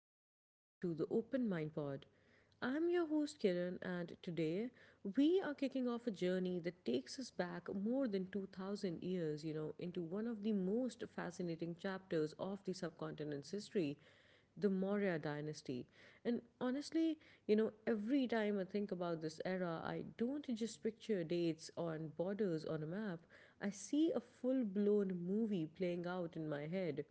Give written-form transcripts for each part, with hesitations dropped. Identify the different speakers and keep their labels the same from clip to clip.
Speaker 1: welcome back to the Open Mind Pod. I'm your host Kiran, and today we are kicking off a journey that takes us back more than 2000 years, into one of the most fascinating chapters of the subcontinent's history, the Maurya dynasty. And honestly, every time I think about this era, I don't just picture dates on borders on a map, I see a full blown movie playing out in my head.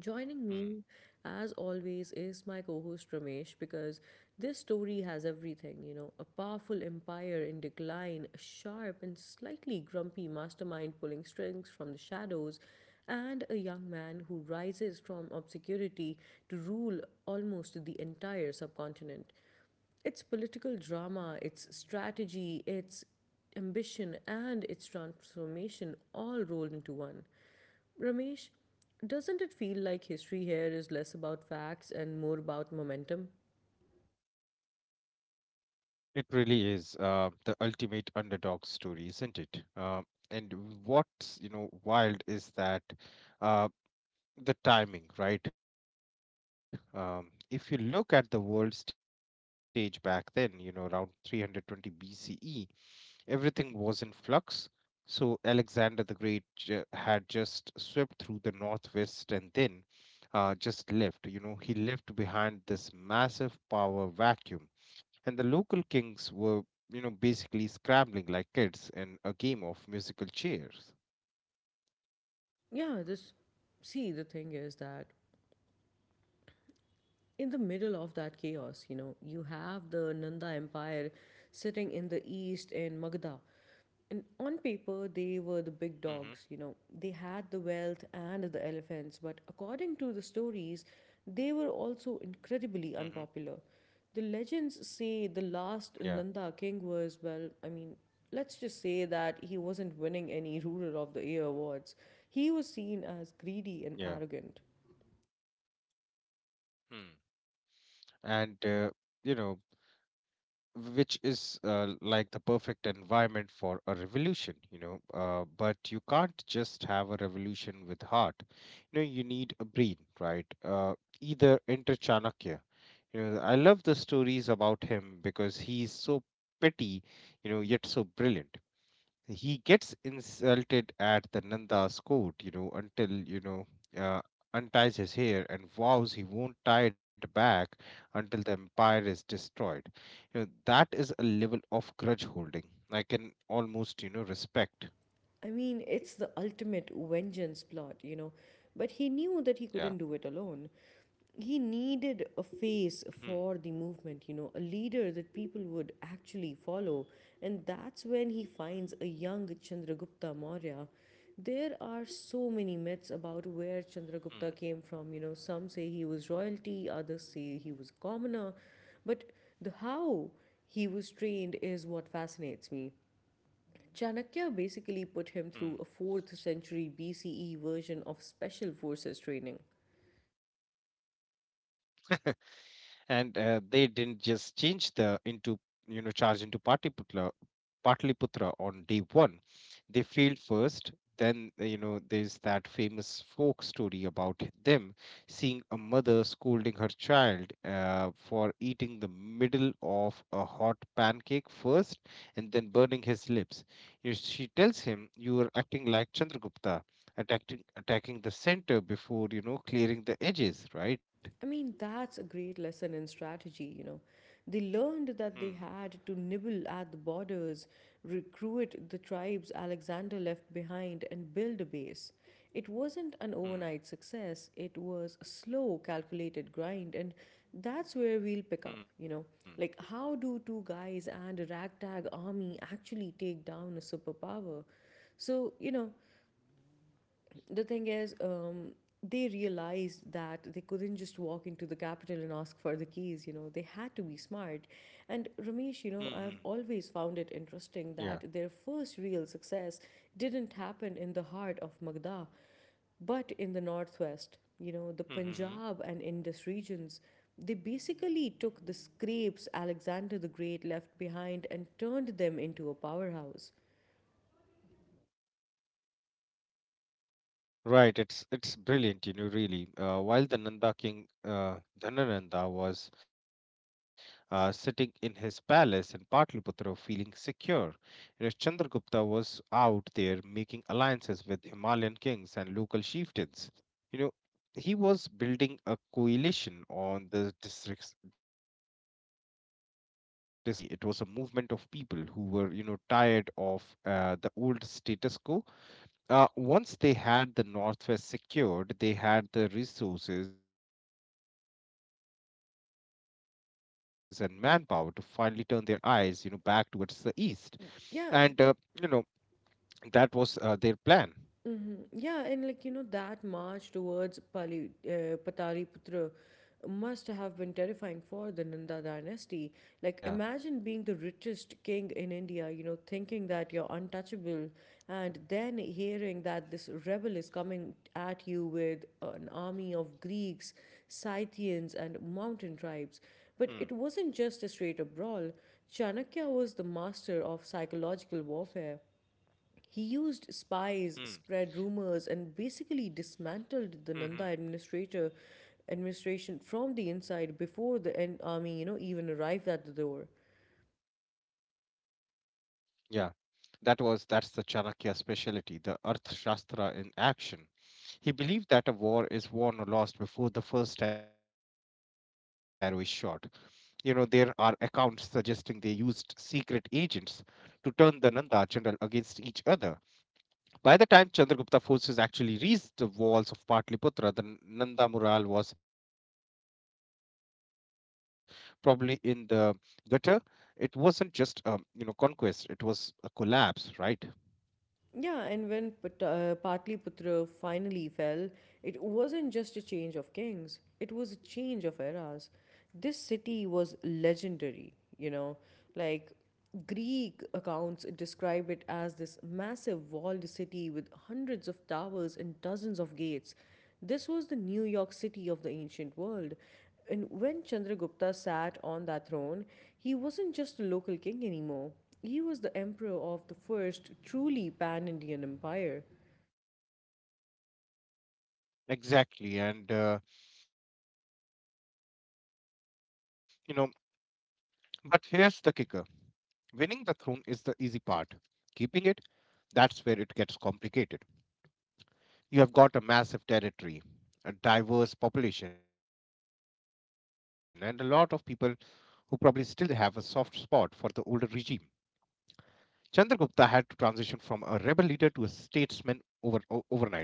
Speaker 1: Joining
Speaker 2: Mm.
Speaker 1: me, as always, is my co host Ramesh because this story has everything, a powerful empire in decline, a sharp and slightly grumpy mastermind pulling strings from the shadows, and a young man who rises from obscurity to rule almost the entire subcontinent. It's political drama, it's strategy, it's ambition, and it's transformation all rolled into one. Ramesh, doesn't it feel like history here is less about facts and more about momentum?
Speaker 2: It really is the ultimate underdog story, isn't it? And what's wild is that uh, the timing, right? If you look at the world stage back then, you know, around 320 BCE, everything was in flux. So Alexander the Great had just swept through the northwest and then just left. You know, he left behind this massive power vacuum, and the local kings were, you know, basically scrambling like kids in a game of musical chairs.
Speaker 1: Yeah, this. See, the thing is that in the middle of that chaos, you have the Nanda Empire sitting in the east in Magda. And on paper,
Speaker 2: Mm-hmm.
Speaker 1: they were the big dogs, they had the wealth and the elephants, but according to the stories, they were also
Speaker 2: Mm-hmm.
Speaker 1: incredibly unpopular. The legends say the
Speaker 2: Yeah.
Speaker 1: last Nanda king was, well, I mean, let's just say that he wasn't winning any Ruler of the Year awards. He was seen as
Speaker 2: Yeah.
Speaker 1: greedy and arrogant.
Speaker 2: Hmm. And you know, which is like the perfect environment for a revolution, you know. But you can't just have a revolution with heart, you know, you need a brain, right? Either enter Chanakya. You know, I love the stories about him because he's so petty, you know, yet so brilliant. He gets insulted at the Nanda's court, you know, until, you know, uh, unties his hair and vows he won't tie it back until the empire is destroyed. You know, that is a level of grudge holding I can almost, you know, respect.
Speaker 1: I mean, it's the ultimate vengeance plot. But he knew that he
Speaker 2: Yeah.
Speaker 1: couldn't do it alone. He needed a
Speaker 2: Hmm.
Speaker 1: face for the movement, a leader that people would actually follow. And that's when he finds a young Chandragupta Maurya. There are so
Speaker 2: Hmm.
Speaker 1: many myths about where Chandragupta came from, Some say he was royalty, others say he was commoner. But the how he was trained is what fascinates me.
Speaker 2: Hmm.
Speaker 1: Chanakya basically put him through a 4th century BCE version of special forces training.
Speaker 2: and they didn't just change the into you know, charge into Patliputra on day one. They failed first. Then you know, there's that famous folk story about them seeing a mother scolding her child for eating the middle of a hot pancake first and then burning his lips. You, she tells him, you are acting like Chandragupta, attacking the center before, you know, clearing the edges, right?
Speaker 1: I mean, that's a great lesson in strategy. They learned that
Speaker 2: Hmm.
Speaker 1: they had to nibble at the borders, recruit the tribes Alexander left behind, and build a base. It wasn't an overnight
Speaker 2: Hmm.
Speaker 1: success, it was a slow, calculated grind, and that's where we'll pick up, you
Speaker 2: Hmm.
Speaker 1: know. Like, how do two guys and a ragtag army actually take down a superpower? So, the thing is, they realized that they couldn't just walk into the capital and ask for the keys, they had to be smart. And Ramesh,
Speaker 2: Hmm. Hmm.
Speaker 1: I've always found it interesting
Speaker 2: Yeah.
Speaker 1: that their first real success didn't happen in the heart of Magda, but in the northwest, the
Speaker 2: Hmm.
Speaker 1: Punjab
Speaker 2: Hmm.
Speaker 1: and Indus regions. They basically took the scrapes Alexander the Great left behind and turned them into a powerhouse.
Speaker 2: Right, it's brilliant, you know, really. While the Nanda king Dhanananda was sitting in his palace in Pataliputra, feeling secure, you know, Chandragupta was out there making alliances with Himalayan kings and local chieftains. You know, he was building a coalition on the districts you know, guarded. uh, it wasn't just an army, it was a movement of people who were, you know, tired of the old status quo. Once they had the northwest secured, they had the resources and manpower to finally turn their eyes, you know, back towards the east. And you know, that was
Speaker 1: Yeah,
Speaker 2: their plan.
Speaker 1: hmm. Yeah, and like that march towards Pali, Pataliputra must have been terrifying for the Nanda dynasty. Like,
Speaker 2: Yeah.
Speaker 1: imagine being the richest king in India, thinking that you're untouchable, and then hearing that this rebel is coming at you with an army of Greeks,
Speaker 2: Hmm.
Speaker 1: Scythians, and mountain tribes. But it wasn't just a straight up brawl. Chanakya was the master of psychological warfare.
Speaker 2: Hmm.
Speaker 1: He used spies, spread rumors, and basically
Speaker 2: Hmm.
Speaker 1: dismantled the Nanda administrator administration from the inside before the army, you know, even arrived at the door.
Speaker 2: Yeah, that was, that's the Chanakya specialty, the Arthashastra in action. He believed that a war is won or lost before the first arrow is shot. You know, there are accounts suggesting they used secret agents to turn the Nanda general against each other. By the time Chandragupta forces actually reached the walls of Patliputra, the Nanda mural was probably in the gutter. It wasn't just a, you know, conquest; it was a collapse, right?
Speaker 1: Yeah, and when Patliputra finally fell, it wasn't just a change of kings, it was a change of eras. This city was legendary, like Greek accounts describe it as this massive walled city with hundreds of towers and dozens of gates. This was the New York City of the ancient world. And when Chandragupta sat on that throne, he wasn't just a local king anymore. He was the emperor of the first truly pan Indian empire.
Speaker 2: Exactly. And, you know, but here's the kicker, winning the throne is the easy part. Keeping it, that's where it gets complicated. You have got a massive territory, a diverse population, and a lot of people who probably still have a soft spot for the older regime. Chandragupta had to transition from a rebel leader to a statesman overnight, right?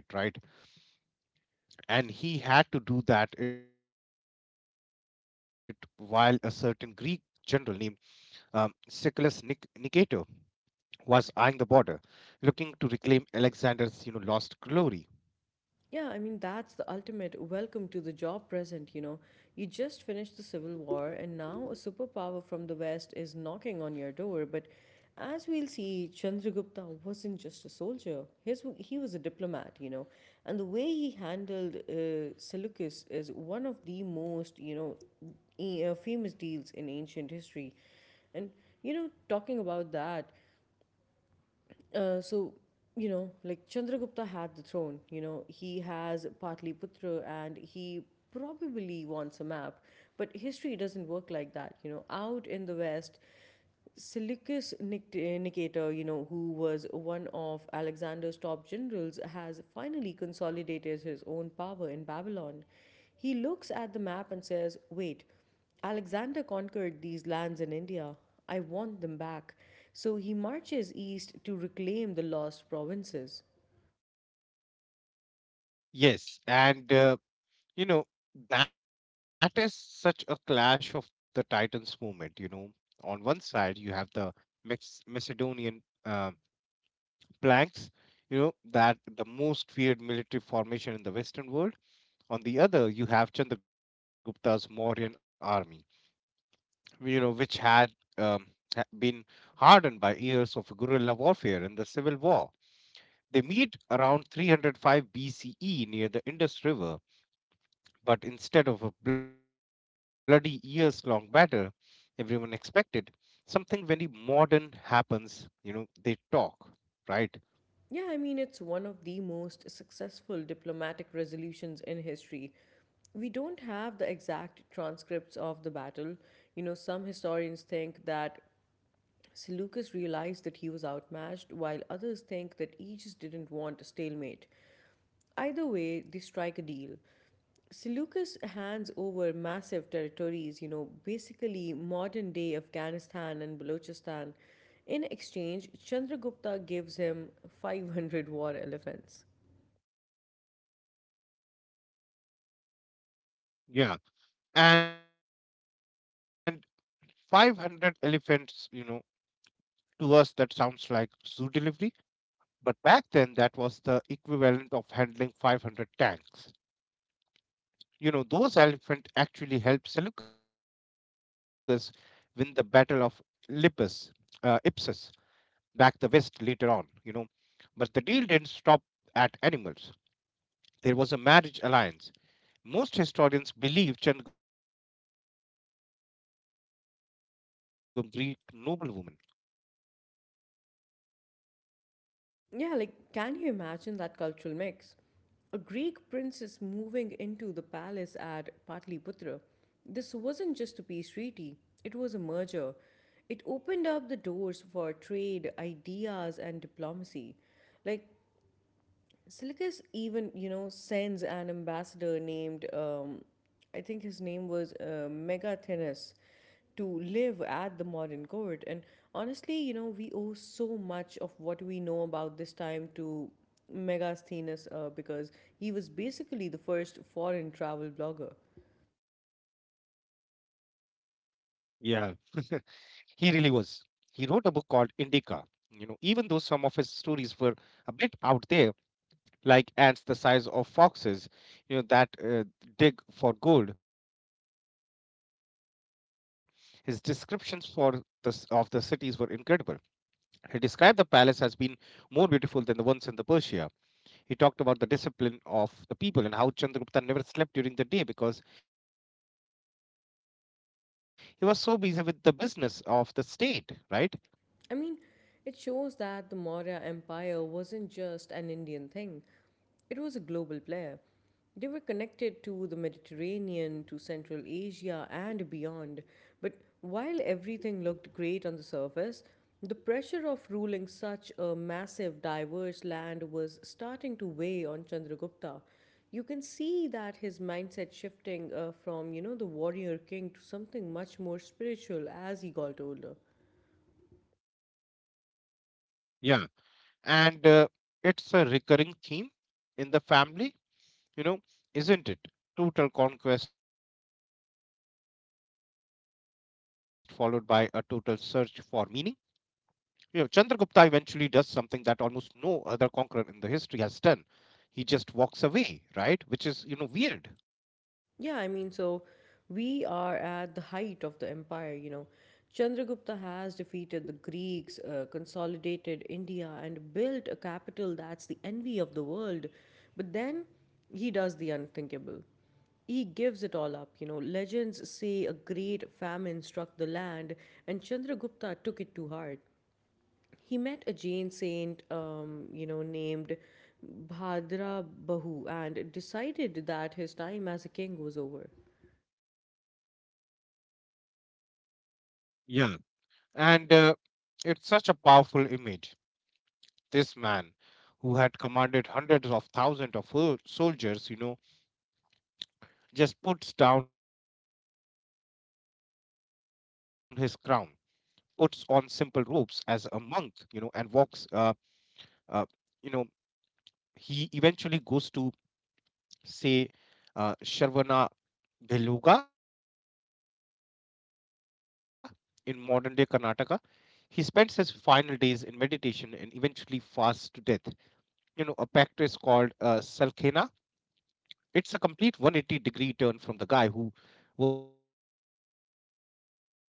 Speaker 2: And he had to do that it while a certain Greek general named Siculus Nicator was eyeing the border, looking to reclaim Alexander's, you know, lost glory.
Speaker 1: Yeah, I mean, that's the ultimate welcome to the job present, you know. You just finished the civil war, and now a superpower from the west is knocking on your door. But as we'll see, Chandragupta wasn't just a soldier, he was a diplomat, And the way he handled Seleucus is one of the most, famous deals in ancient history. And talking about that, Uh, so Chandragupta had the throne. He has Patliputra, and he probably wants a map. But history doesn't work like that. Out in the west, Seleucus Nicator, who was one of Alexander's top generals, has finally consolidated his own power in Babylon. He looks at the map and says, "Wait, Alexander conquered these lands in India. I want them back." So he marches east to reclaim the lost provinces.
Speaker 2: Yes, and you know, that is such a clash of the titans movement. You know, on one side you have the Macedonian. Blanks, you know, that the most feared military formation in the Western world. On the other, you have Chandragupta's Mauryan army, you know, which had um, been hardened by years of guerrilla warfare and the civil war. They meet around 305 BCE near the Indus River, but instead of a bloody years long battle, everyone expected something very modern happens, you know, they talk, right?
Speaker 1: Yeah, I mean, it's one of the most successful diplomatic resolutions in history. We don't have the exact transcripts of the battle. Some historians think that Seleucus realized that he was outmatched, while others think that Aegis didn't want a stalemate. Either way, they strike a deal. Seleucus hands over massive territories, basically modern day Afghanistan and Balochistan. In exchange, Chandragupta gives him 500 war elephants.
Speaker 2: Yeah. And 500 elephants, you know, to us that sounds like zoo delivery, but back then that was the equivalent of handling 500 tanks. You know, those elephants actually helped Seleucus win the Battle of Lippus, Ipsus, back the west later on, you know. But the deal didn't stop at animals. There was a marriage alliance. Most historians believe Chandragupta married Seleucus' daughter, or at least a high ranking Greek noblewoman.
Speaker 1: Yeah, like, can you imagine that cultural mix? A Greek princess moving into the palace at Patliputra. This wasn't just a peace treaty, it was a merger. It opened up the doors for trade, ideas, and diplomacy. Like, Silicus even, sends an ambassador named, I think his name was Megathenus, to live at the modern court. And honestly, we owe so much of what we know about this time to Megasthenes because he was basically the first foreign travel blogger.
Speaker 2: Yeah, he really was. He wrote a book called Indica. You know, even though some of his stories were a bit out there, like ants the size of foxes, you know, that dig for gold, his descriptions for of the cities were incredible. He described the palace as being more beautiful than the ones in the Persia. He talked about the discipline of the people and how Chandragupta never slept during the day because he was so busy with the business of the state, right?
Speaker 1: I mean, it shows that the Maurya Empire wasn't just an Indian thing, it was a global player. They were connected to the Mediterranean, to Central Asia, and beyond. But while everything looked great on the surface, the pressure of ruling such a massive, diverse land was starting to weigh on Chandragupta. You can see that his mindset shifting from, the warrior king to something much more spiritual as he got older.
Speaker 2: Yeah. And it's a recurring theme in the family, you know, isn't it? Total conquest followed by a total search for meaning. You know, Chandragupta eventually does something that almost no other conqueror in the history has done. He just walks away, right? Which is, you know, weird.
Speaker 1: Yeah, I mean, so we are at the height of the empire, Chandragupta has defeated the Greeks, consolidated India, and built a capital that's the envy of the world. But then he does the unthinkable. He gives it all up, Legends say a great famine struck the land, and Chandragupta took it to heart. He met a Jain saint, named Bhadra Bahu, and decided that his time as a king was over.
Speaker 2: And it's such a powerful image. This man, who had commanded hundreds of thousands of soldiers, you know, just puts down his crown, puts on simple robes as a monk, you know, and walks. Uh, you know, he eventually goes to say Sharvana Beluga in modern day Karnataka. He spends his final days in meditation and eventually fasts to death. You know, a practice called Salkhena. It's a complete 180 degree turn from the guy who was nibbing at the edge of the pancake to win a war.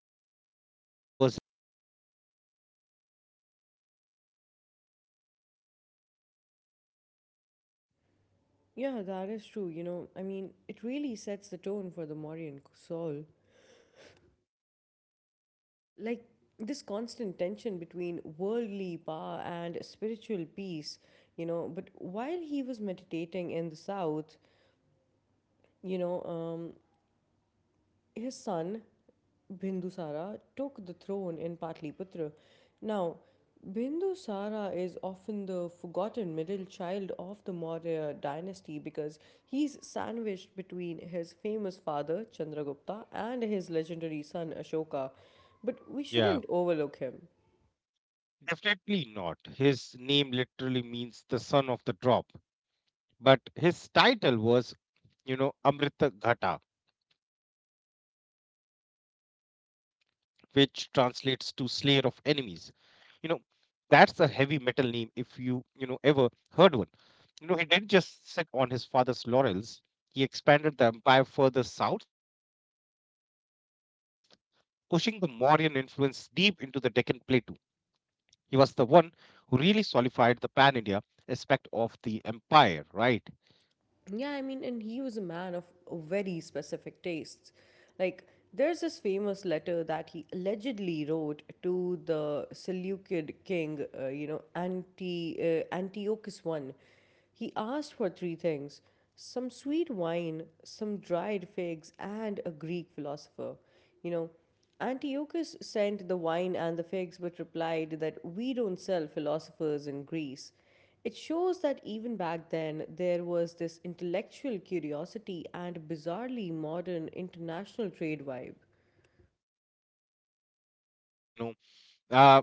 Speaker 1: Yeah, that is true. You know, I mean, it really sets the tone for the Mauryan soul. Like, this constant tension between worldly power and spiritual peace, But while he was meditating in the south, you know, um, his son, Bindusara, took the throne in Patliputra. Now, Bindusara is often the forgotten middle child of the Maurya dynasty because he's sandwiched between his famous father Chandragupta and his
Speaker 2: Hmm.
Speaker 1: legendary son Ashoka. But we
Speaker 2: Yeah.
Speaker 1: shouldn't overlook him.
Speaker 2: Definitely not. His name literally means the son of the drop. But his title was, you know, Amrita Ghata, which translates to slayer of enemies. You know, that's a heavy metal name if you, you know, ever heard one. You know, he didn't just sit on his father's laurels, he expanded the empire further south, pushing the Mauryan influence deep into the Deccan Plateau. He was the one who really solidified the pan India aspect of the empire, right?
Speaker 1: Yeah, I mean, and he was a man of very specific tastes. Like, there's this famous letter that he allegedly wrote to the Seleucid king, Anti, Antiochus I. He asked for three things: some sweet wine, some dried figs, and a Greek philosopher. You know, Antiochus sent the wine and the figs, but replied that we don't sell philosophers in Greece. It shows that even back then, there was this intellectual curiosity and bizarrely modern international trade vibe.
Speaker 2: Exactly, you know. Uh,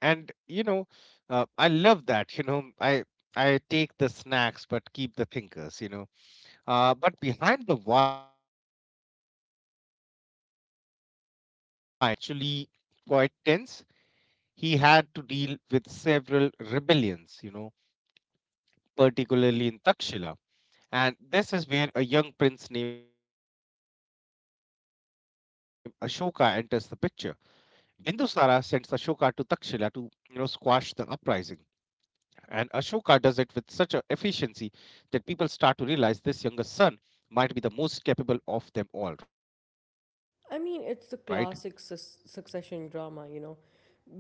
Speaker 2: and, you know, I love that, you know. I take the snacks but keep the thinkers, you know. But behind the wine, you know, and figs, Bindusara's region was actually quite tense. He had to deal with several rebellions, you know, particularly in Takshila. And this is where a young prince named Ashoka enters the picture. Bindusara sends Ashoka to Takshila to, you know, squash the uprising. And Ashoka does it with such a efficiency that people start to realize this younger son might be the most capable of them all, right?
Speaker 1: I mean, it's the classic succession drama,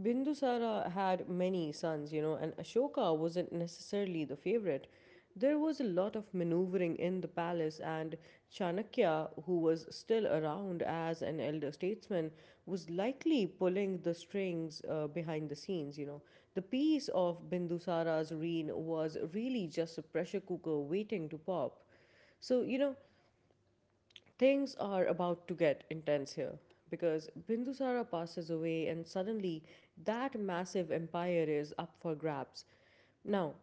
Speaker 1: Bindusara had many sons, and Ashoka wasn't necessarily the favorite. There was a lot of maneuvering in the palace, and Chanakya, who was still around as an elder statesman, was likely pulling the strings behind the scenes, The piece of Bindusara's reign was really just a pressure cooker waiting to pop. So, things are about to get intense here because Bindusara passes away and suddenly that massive empire is up for grabs. Now,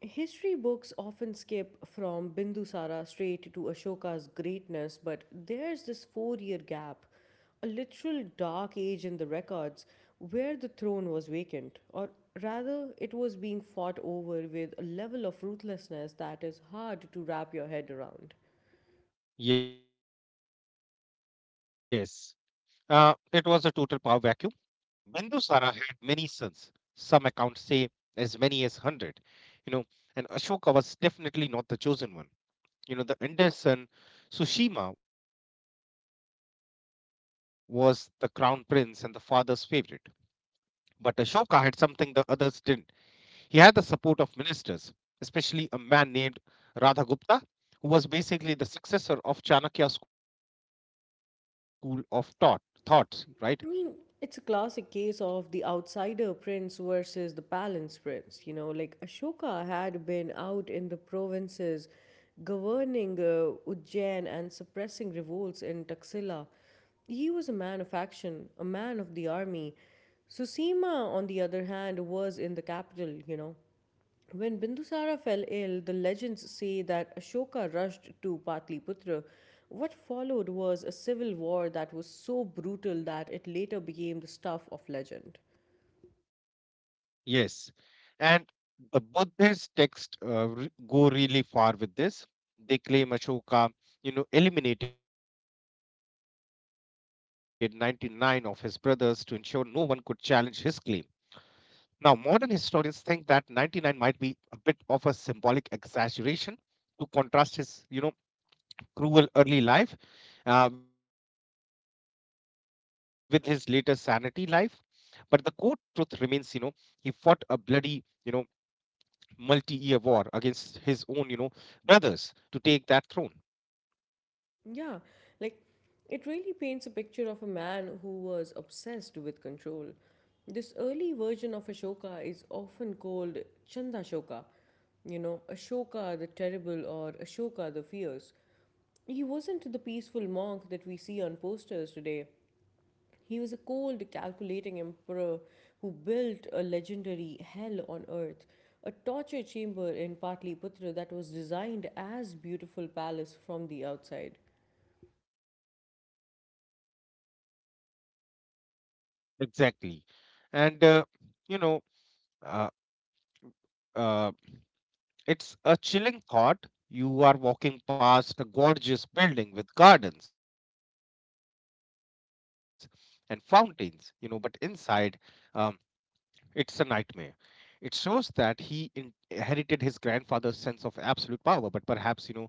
Speaker 1: history books often skip from Bindusara straight to Ashoka's greatness, but there's this 4-year gap, a literal dark age in the records where the throne was vacant, or rather, it was being fought over with a level of ruthlessness that is hard to wrap your head around.
Speaker 2: Yes. It was a total power vacuum. Bindusara had many sons. Some accounts say as many as 100. You know, and Ashoka was definitely not the chosen one. You know, the eldest son, Sushima, was the crown prince and the father's favorite. But Ashoka had something the others didn't. He had the support of ministers, especially a man named Radhagupta, who was basically the successor of Chanakya school of thoughts, right?
Speaker 1: I mean, it's a classic case of the outsider prince versus the palace prince. Like Ashoka had been out in the provinces governing Ujjain and suppressing revolts in Taxila. He was a man of action, a man of the army. Susima, on the other hand, was in the capital, When Bindusara fell ill, the legends say that Ashoka rushed to Patliputra. What followed was a civil war that was so brutal that it later became the stuff of legend.
Speaker 2: Yes. And the Buddhist texts go really far with this. They claim Ashoka, you know, eliminated 99 of his brothers to ensure no one could challenge his claim. Now, modern historians think that 99 might be a bit of a symbolic exaggeration to contrast his, you know, cruel early life with his later sanity life. But the core truth remains, you know, he fought a bloody, you know, multi-year war against his own, you know, brothers to take that throne.
Speaker 1: Yeah, like it really paints a picture of a man who was obsessed with control. This early version of Ashoka is often called Chandashoka, you know, Ashoka the Terrible or Ashoka the Fierce. He wasn't the peaceful monk that we see on posters today. He was a cold, calculating emperor who built a legendary hell on earth, a torture chamber in Patliputra that was designed as a beautiful palace from the outside.
Speaker 2: Exactly. And, you know, uh, uh, it's a chilling thought. You are walking past a gorgeous building with gardens and fountains, you know, but inside, um, it's a nightmare. It shows that he inherited his grandfather's sense of absolute power, but perhaps, you know,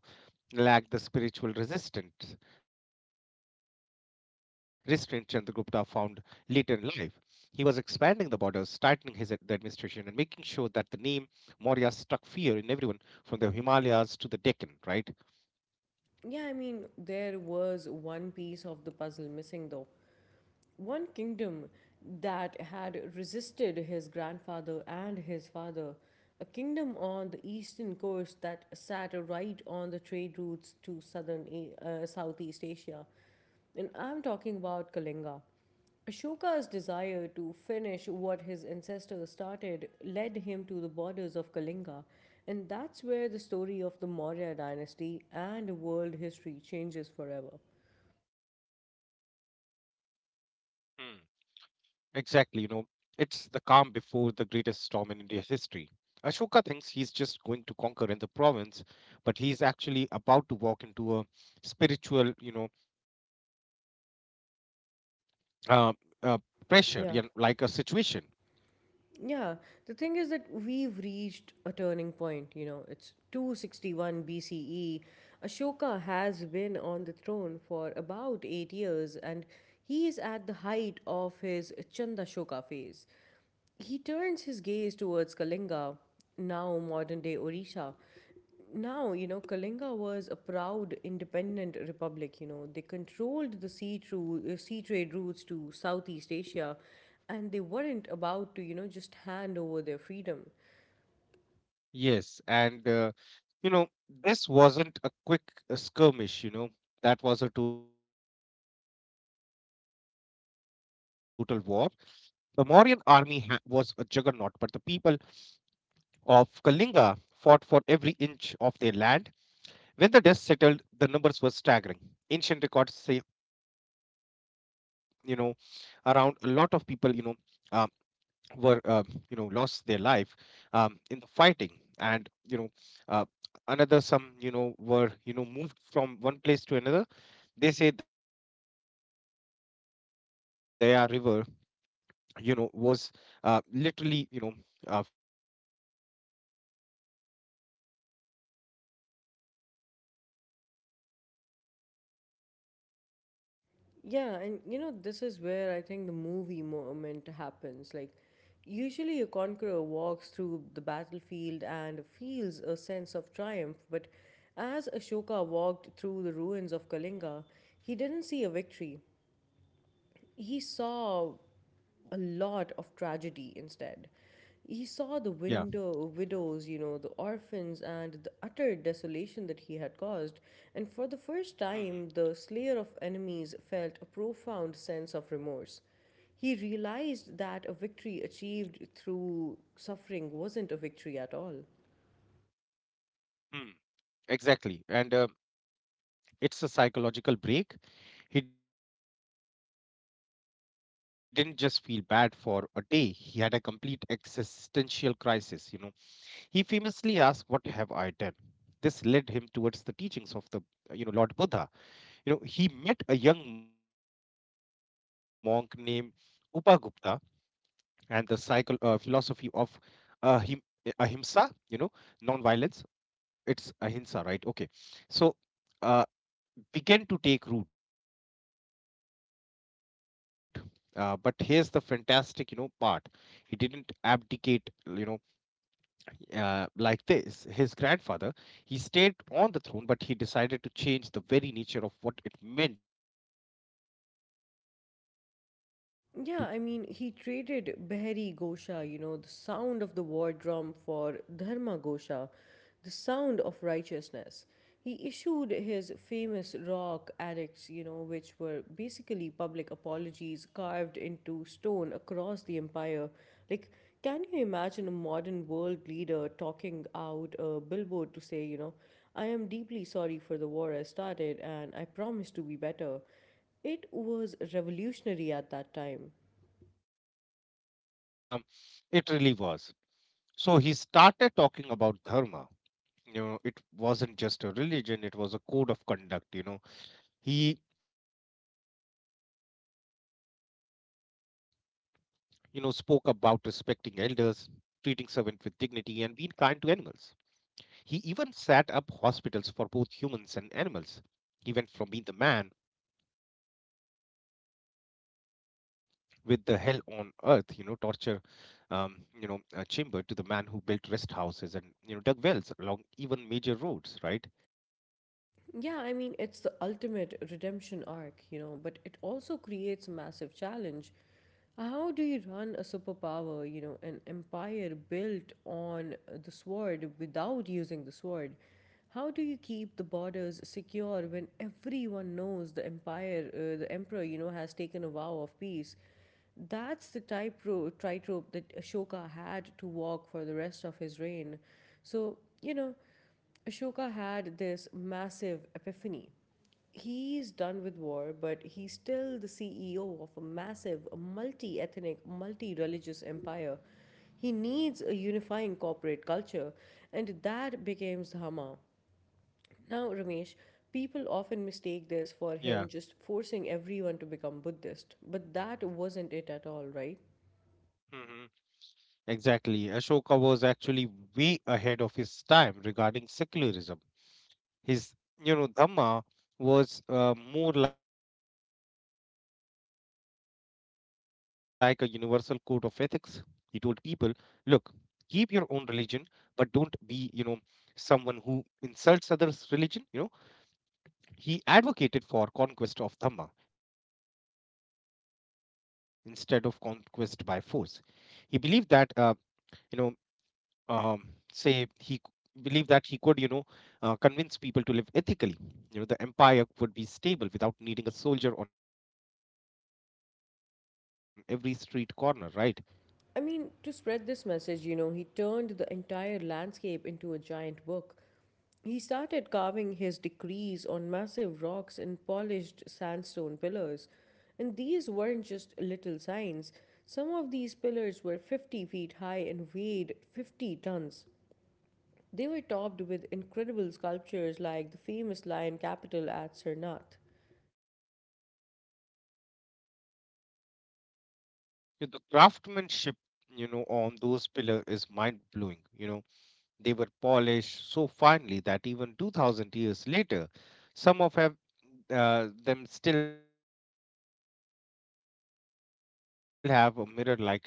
Speaker 2: lacked the spiritual resistance, restraint Chandragupta found later in life. He was expanding the borders, tightening his the administration, and making sure that the name Maurya struck fear in everyone from the Himalayas to the Deccan, right?
Speaker 1: Yeah, I mean, there was one piece of the puzzle missing though. One kingdom that had resisted his grandfather and his father, a kingdom on the eastern coast that sat right on the trade routes to Southeast Asia. And I'm talking about Kalinga. Ashoka's desire to finish what his ancestors started led him to the borders of Kalinga, and that's where the story of the Maurya dynasty and world history changes forever.
Speaker 2: Hmm. Exactly, you know, it's the calm before the greatest storm in India's history. Ashoka thinks he's just going to conquer in the province, but he's actually about to walk into a spiritual, you know, uh, uh, pressure, yeah, like a situation.
Speaker 1: Yeah. Yeah, the thing is that we've reached a turning point, you know, it's 261 BCE. Ashoka has been on the throne for about 8 years, and he is at the height of his Chandashoka phase. He turns his gaze towards Kalinga, now modern day Orisha. Now, you know, Kalinga was a proud, independent republic. You know, they controlled the sea trade routes to Southeast Asia, and they weren't about to, you know, just hand over their freedom.
Speaker 2: Yes, and you know, this wasn't a quick skirmish. You know, that was a total war. The Mauryan army was a juggernaut, but the people of Kalinga fought for every inch of their land. When the dust settled, the numbers were staggering. Ancient records say, you know, around a lot of people, you know. uh, were lost their life, in the fighting and you know uh, another some were moved from one place to another. They say their river was literally filled with red color.
Speaker 1: Yeah, and you know, this is where I think the movie moment happens. Like, usually a conqueror walks through the battlefield and feels a sense of triumph, but as Ashoka walked through the ruins of Kalinga, he didn't see a victory, he saw a lot of tragedy instead.
Speaker 2: Yeah.
Speaker 1: He saw the widows, you know, the orphans, and the utter desolation that he had caused, and for the first
Speaker 2: Mhm.
Speaker 1: time, the slayer of enemies felt a profound sense of remorse. He realized that a victory achieved through suffering wasn't a victory at all.
Speaker 2: Mm, exactly. And it's a psychological break. He didn't just feel bad for a day; he had a complete existential crisis. He famously asked, "What have I done?" This led him towards the teachings of the, Lord Buddha. He met a young monk named Upagupta and the philosophy of uh, him- ahimsa, you know, non violence. It's ahimsa, right? Okay. So, uh, began to take root. But here's the fantastic part. He didn't abdicate, you know, like this. His grandfather, he stayed on the throne, but he decided to change the very nature of what it meant to be like an emperor.
Speaker 1: Yeah, I mean, he traded Behari Gosha, you know, the sound of the war drum, for Dharma Gosha, the sound of righteousness. He issued his famous rock edicts, you know, which were basically public apologies carved into stone across the empire. Like, can you imagine a modern world leader talking out a billboard to say, you know, I am deeply sorry for the war I started and I promise to be better? It was revolutionary at that time.
Speaker 2: Yes. Um, it really was. So he started talking about dharma. It wasn't just a religion; it was a code of conduct. He spoke about respecting elders, treating servant with dignity, and being kind to animals. He even set up hospitals for both humans and animals. He went from being the man with the hell on earth torture, um, you know, chamber to the man who built rest houses and, dug wells along even major roads, right?
Speaker 1: Yeah, I mean, it's the ultimate redemption arc, you know, but it also creates a massive challenge. How do you run a superpower, you know, an empire built on the sword without using the sword? How do you keep the borders secure when everyone knows the the emperor, you know, has taken a vow of peace? That's the tightrope that Ashoka had to walk for the rest of his reign. So, you know, Ashoka had this massive epiphany. He's done with war, but he's still the CEO of a massive, multi ethnic, multi religious empire. He needs a unifying corporate culture, and that becomes Dhamma. Now, Ramesh, people often mistake this for
Speaker 2: Yeah.
Speaker 1: him just forcing everyone to become Buddhist, but that
Speaker 2: Hmm.
Speaker 1: wasn't it at all, right?
Speaker 2: Hmm. Exactly. Ashoka was actually way ahead of his time regarding secularism. His Dhamma was more like a universal code of ethics. He told people, look, keep your own religion, but don't be someone who insults others' religion. He advocated for conquest of Dhamma instead of conquest by force. He believed that, you know, um, say he c- believed that he could convince people to live ethically. The empire would be stable without needing a soldier on every street corner, right?
Speaker 1: I mean, to spread this message, you know, he turned the entire landscape into a giant book. He started carving his decrees on massive rocks and polished sandstone pillars. And these weren't just little signs. Some of these pillars were 50 feet high and weighed 50 tons. They were topped with incredible sculptures like the famous lion capital at Sarnath.
Speaker 2: Yes, and the craftsmanship on those pillar is mind blowing. They were polished so finely that even 2000 years later, some of them still have a mirror like shine. And the symbolism,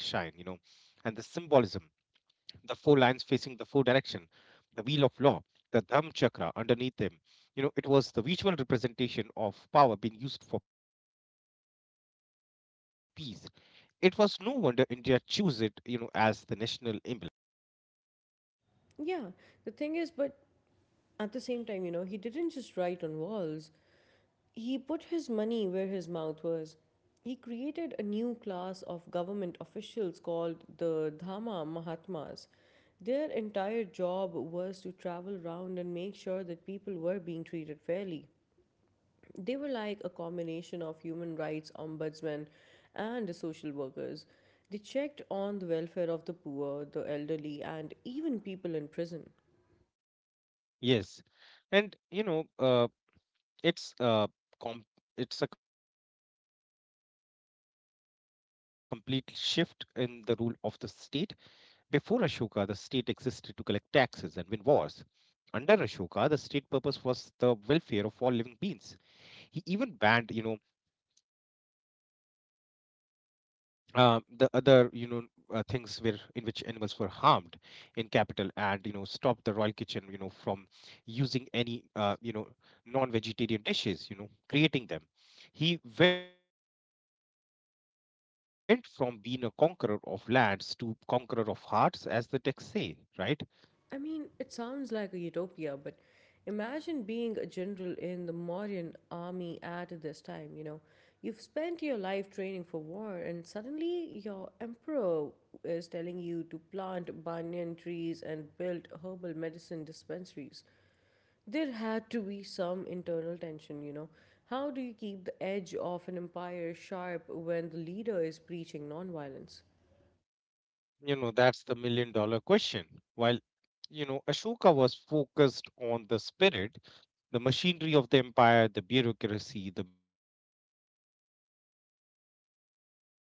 Speaker 2: the four lines facing the four direction, the wheel of law, the Dham chakra underneath them. It was the visual representation of power being used for peace. It was no wonder India chose it as the national emblem.
Speaker 1: Yeah, the thing is, but at the same time, you know, he didn't just write on walls. He put his money where his mouth was. He created a new class of government officials called the Dhamma Mahatmas. Their entire job was to travel around and make sure that people were being treated fairly. They were like a combination of human rights ombudsmen and social workers. They checked on the welfare of the poor, the elderly, and even people in prison.
Speaker 2: Yes. And, It's uh, com- it's a complete shift in the rule of the state. Before Ashoka, the state existed to collect taxes and win wars. Under Ashoka, the state purpose was the welfare of all living beings. He even banned, the other things where in which animals were harmed in capital, and stop the royal kitchen from using any non-vegetarian dishes, creating them. He went from being a conqueror of lands to conqueror of hearts, as the text say, right?
Speaker 1: I mean, it sounds like a utopia, but imagine being a general in the modern army at this time, you know. You've spent your life training for war, and suddenly your emperor is telling you to plant banyan trees and build herbal medicine dispensaries. There had to be some internal tension, you know. How do you keep the edge of an empire sharp when the leader is preaching nonviolence?
Speaker 2: That's the million dollar question. While Ashoka was focused on the spirit, the machinery of the empire, the bureaucracy, the military started to change.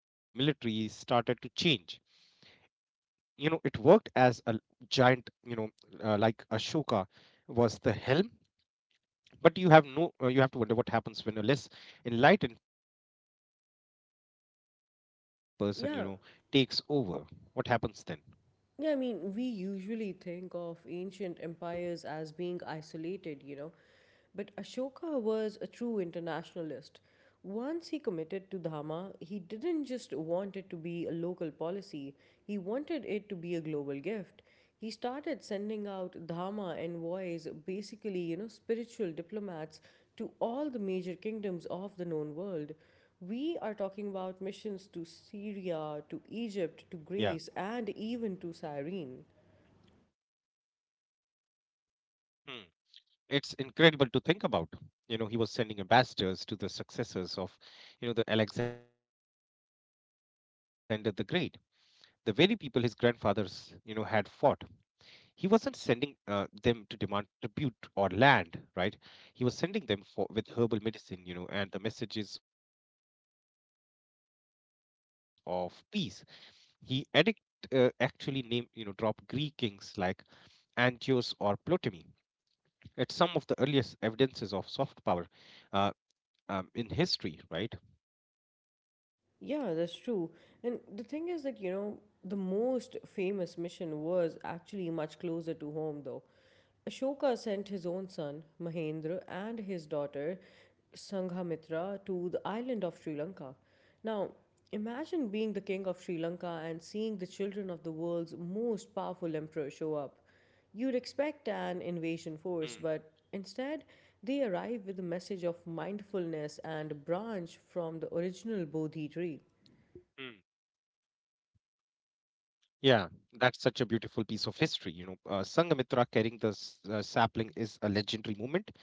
Speaker 2: It worked as a giant, like Ashoka was the helm, but you have no you have to wonder what happens when a less enlightened person takes over. What happens then?
Speaker 1: Yeah. Yeah, I mean, we usually think of ancient empires as being isolated, you know. But Ashoka was a true internationalist. Once he committed to Dhamma, he didn't just want it to be a local policy, he wanted it to be a global gift. He started sending out Dhamma envoys, basically, you know, spiritual diplomats, to all the major kingdoms of the known world. We
Speaker 2: Yeah.
Speaker 1: are talking about missions to Syria, to Egypt, to Greece, and even to Cyrene.
Speaker 2: Hmm. It's incredible to think about. He was sending ambassadors to the successors of, the Alexander the Great, the very people his grandfathers had fought. He wasn't sending them to demand tribute or land, right? He was sending them for with herbal medicine, and the messages of peace. He addict actually name drop Greek kings like Angios or Ptolemy. It's some of the earliest evidences of soft power uh, in history, right?
Speaker 1: Yeah, that's true. And the thing is that, you know, the most famous mission was actually much closer to home, though. Ashoka sent his own son, Mahendra, and his daughter, Sanghamitra, to the island of Sri Lanka. Now, imagine being the king of Sri Lanka and seeing the children of the world's most powerful emperor show up. You'd
Speaker 2: Mm,
Speaker 1: expect an invasion force, but instead, they arrive with a message of mindfulness and a branch
Speaker 2: mm.
Speaker 1: from the original Bodhi tree.
Speaker 2: Yeah, that's such a beautiful piece of history. Sangamitra carrying the sapling is a legendary moment. You know,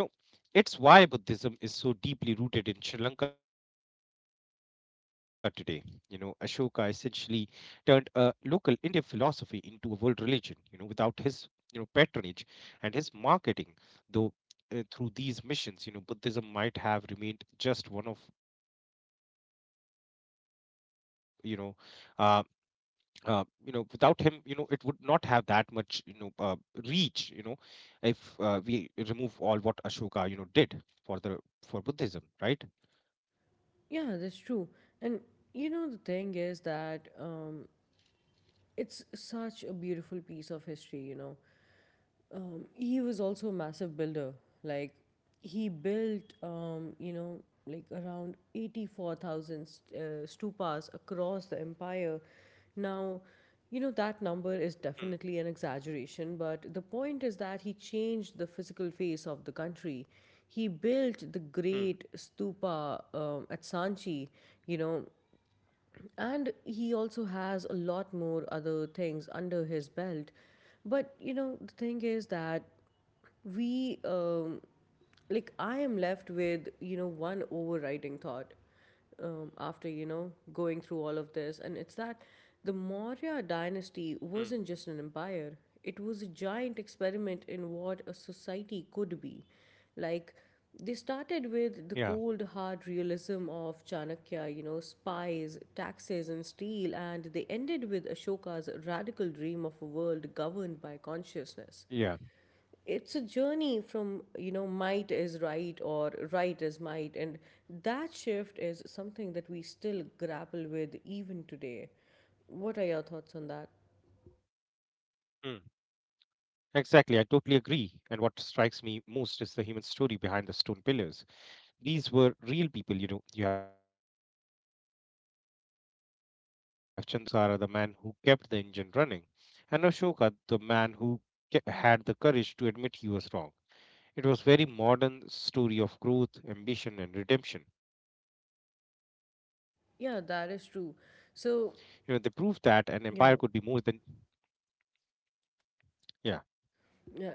Speaker 2: It's why Buddhism is so deeply rooted in Sri Lanka today. Ashoka essentially turned a local Indian philosophy into a world religion without his patronage and his marketing, though through these missions Buddhism might have remained just one of, you know, uh, uh, without him, it would not have that much reach if we remove all what Ashoka did for the for Buddhism, right?
Speaker 1: Yeah, that's true. And you know, the thing is that it's such a beautiful piece of history, you know. He was also a massive builder. Like, he built, like around eighty-four thousand stupas across the empire.
Speaker 2: Hmm.
Speaker 1: Now, you know that number is definitely an exaggeration, but the point is that he changed the physical face of the country. He
Speaker 2: Hmm.
Speaker 1: built the great stupa at Sanchi, you know, and he also has a lot more other things under his belt. But, you know, the thing is that we, um, like, I am left with, you know, one overriding thought after, you know, going through all of
Speaker 2: Hmm.
Speaker 1: this. And it's that the Maurya dynasty wasn't just an empire, it was a giant experiment in what a society could be. Like,
Speaker 2: Yeah,
Speaker 1: they started with the cold, hard realism of Chanakya, you know, spies, taxes, and steel, and they ended with Ashoka's radical dream of a world governed by consciousness.
Speaker 2: yeah.
Speaker 1: It's a journey from, you know, might is right or right is might, and that shift is something that we still grapple with even today. What are your
Speaker 2: Hmm.
Speaker 1: thoughts on that?
Speaker 2: Exactly, I totally agree. And what strikes me most is the human story behind the stone pillars. These were real people. You have Chandragupta, the risk taker who walked away from it all, Bindusara, the man who kept the engine running, and Ashoka, the man who had the courage to admit he was wrong. It was very modern story of growth, ambition, and redemption. They proved that an empire
Speaker 1: Yeah,
Speaker 2: could be
Speaker 1: that is
Speaker 2: more than
Speaker 1: true. So, yeah.
Speaker 2: yeah.
Speaker 1: Yeah.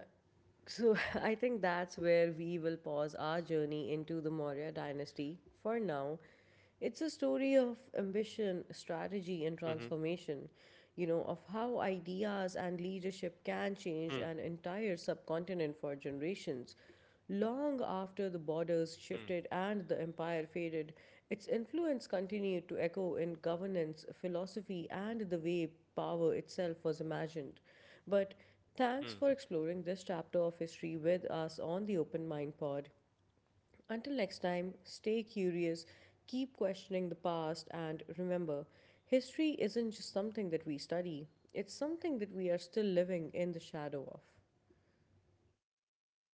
Speaker 1: So I think that's where we will pause our journey into the Maurya dynasty for now.
Speaker 2: Mm-hmm.
Speaker 1: It's a story of ambition, strategy, and transformation, you know, of how ideas and leadership can change an entire subcontinent for generations. Long after the borders shifted and the empire faded, its influence continued to echo in governance, philosophy, and the way power itself was imagined. But
Speaker 2: Mm-hmm.
Speaker 1: thanks for exploring this chapter of history with us on the Open Mind Pod. Until next time, stay curious, keep questioning the past, and remember, history isn't just something that we study, it's something that we are still living in the shadow of.
Speaker 2: Yeah. Thank you.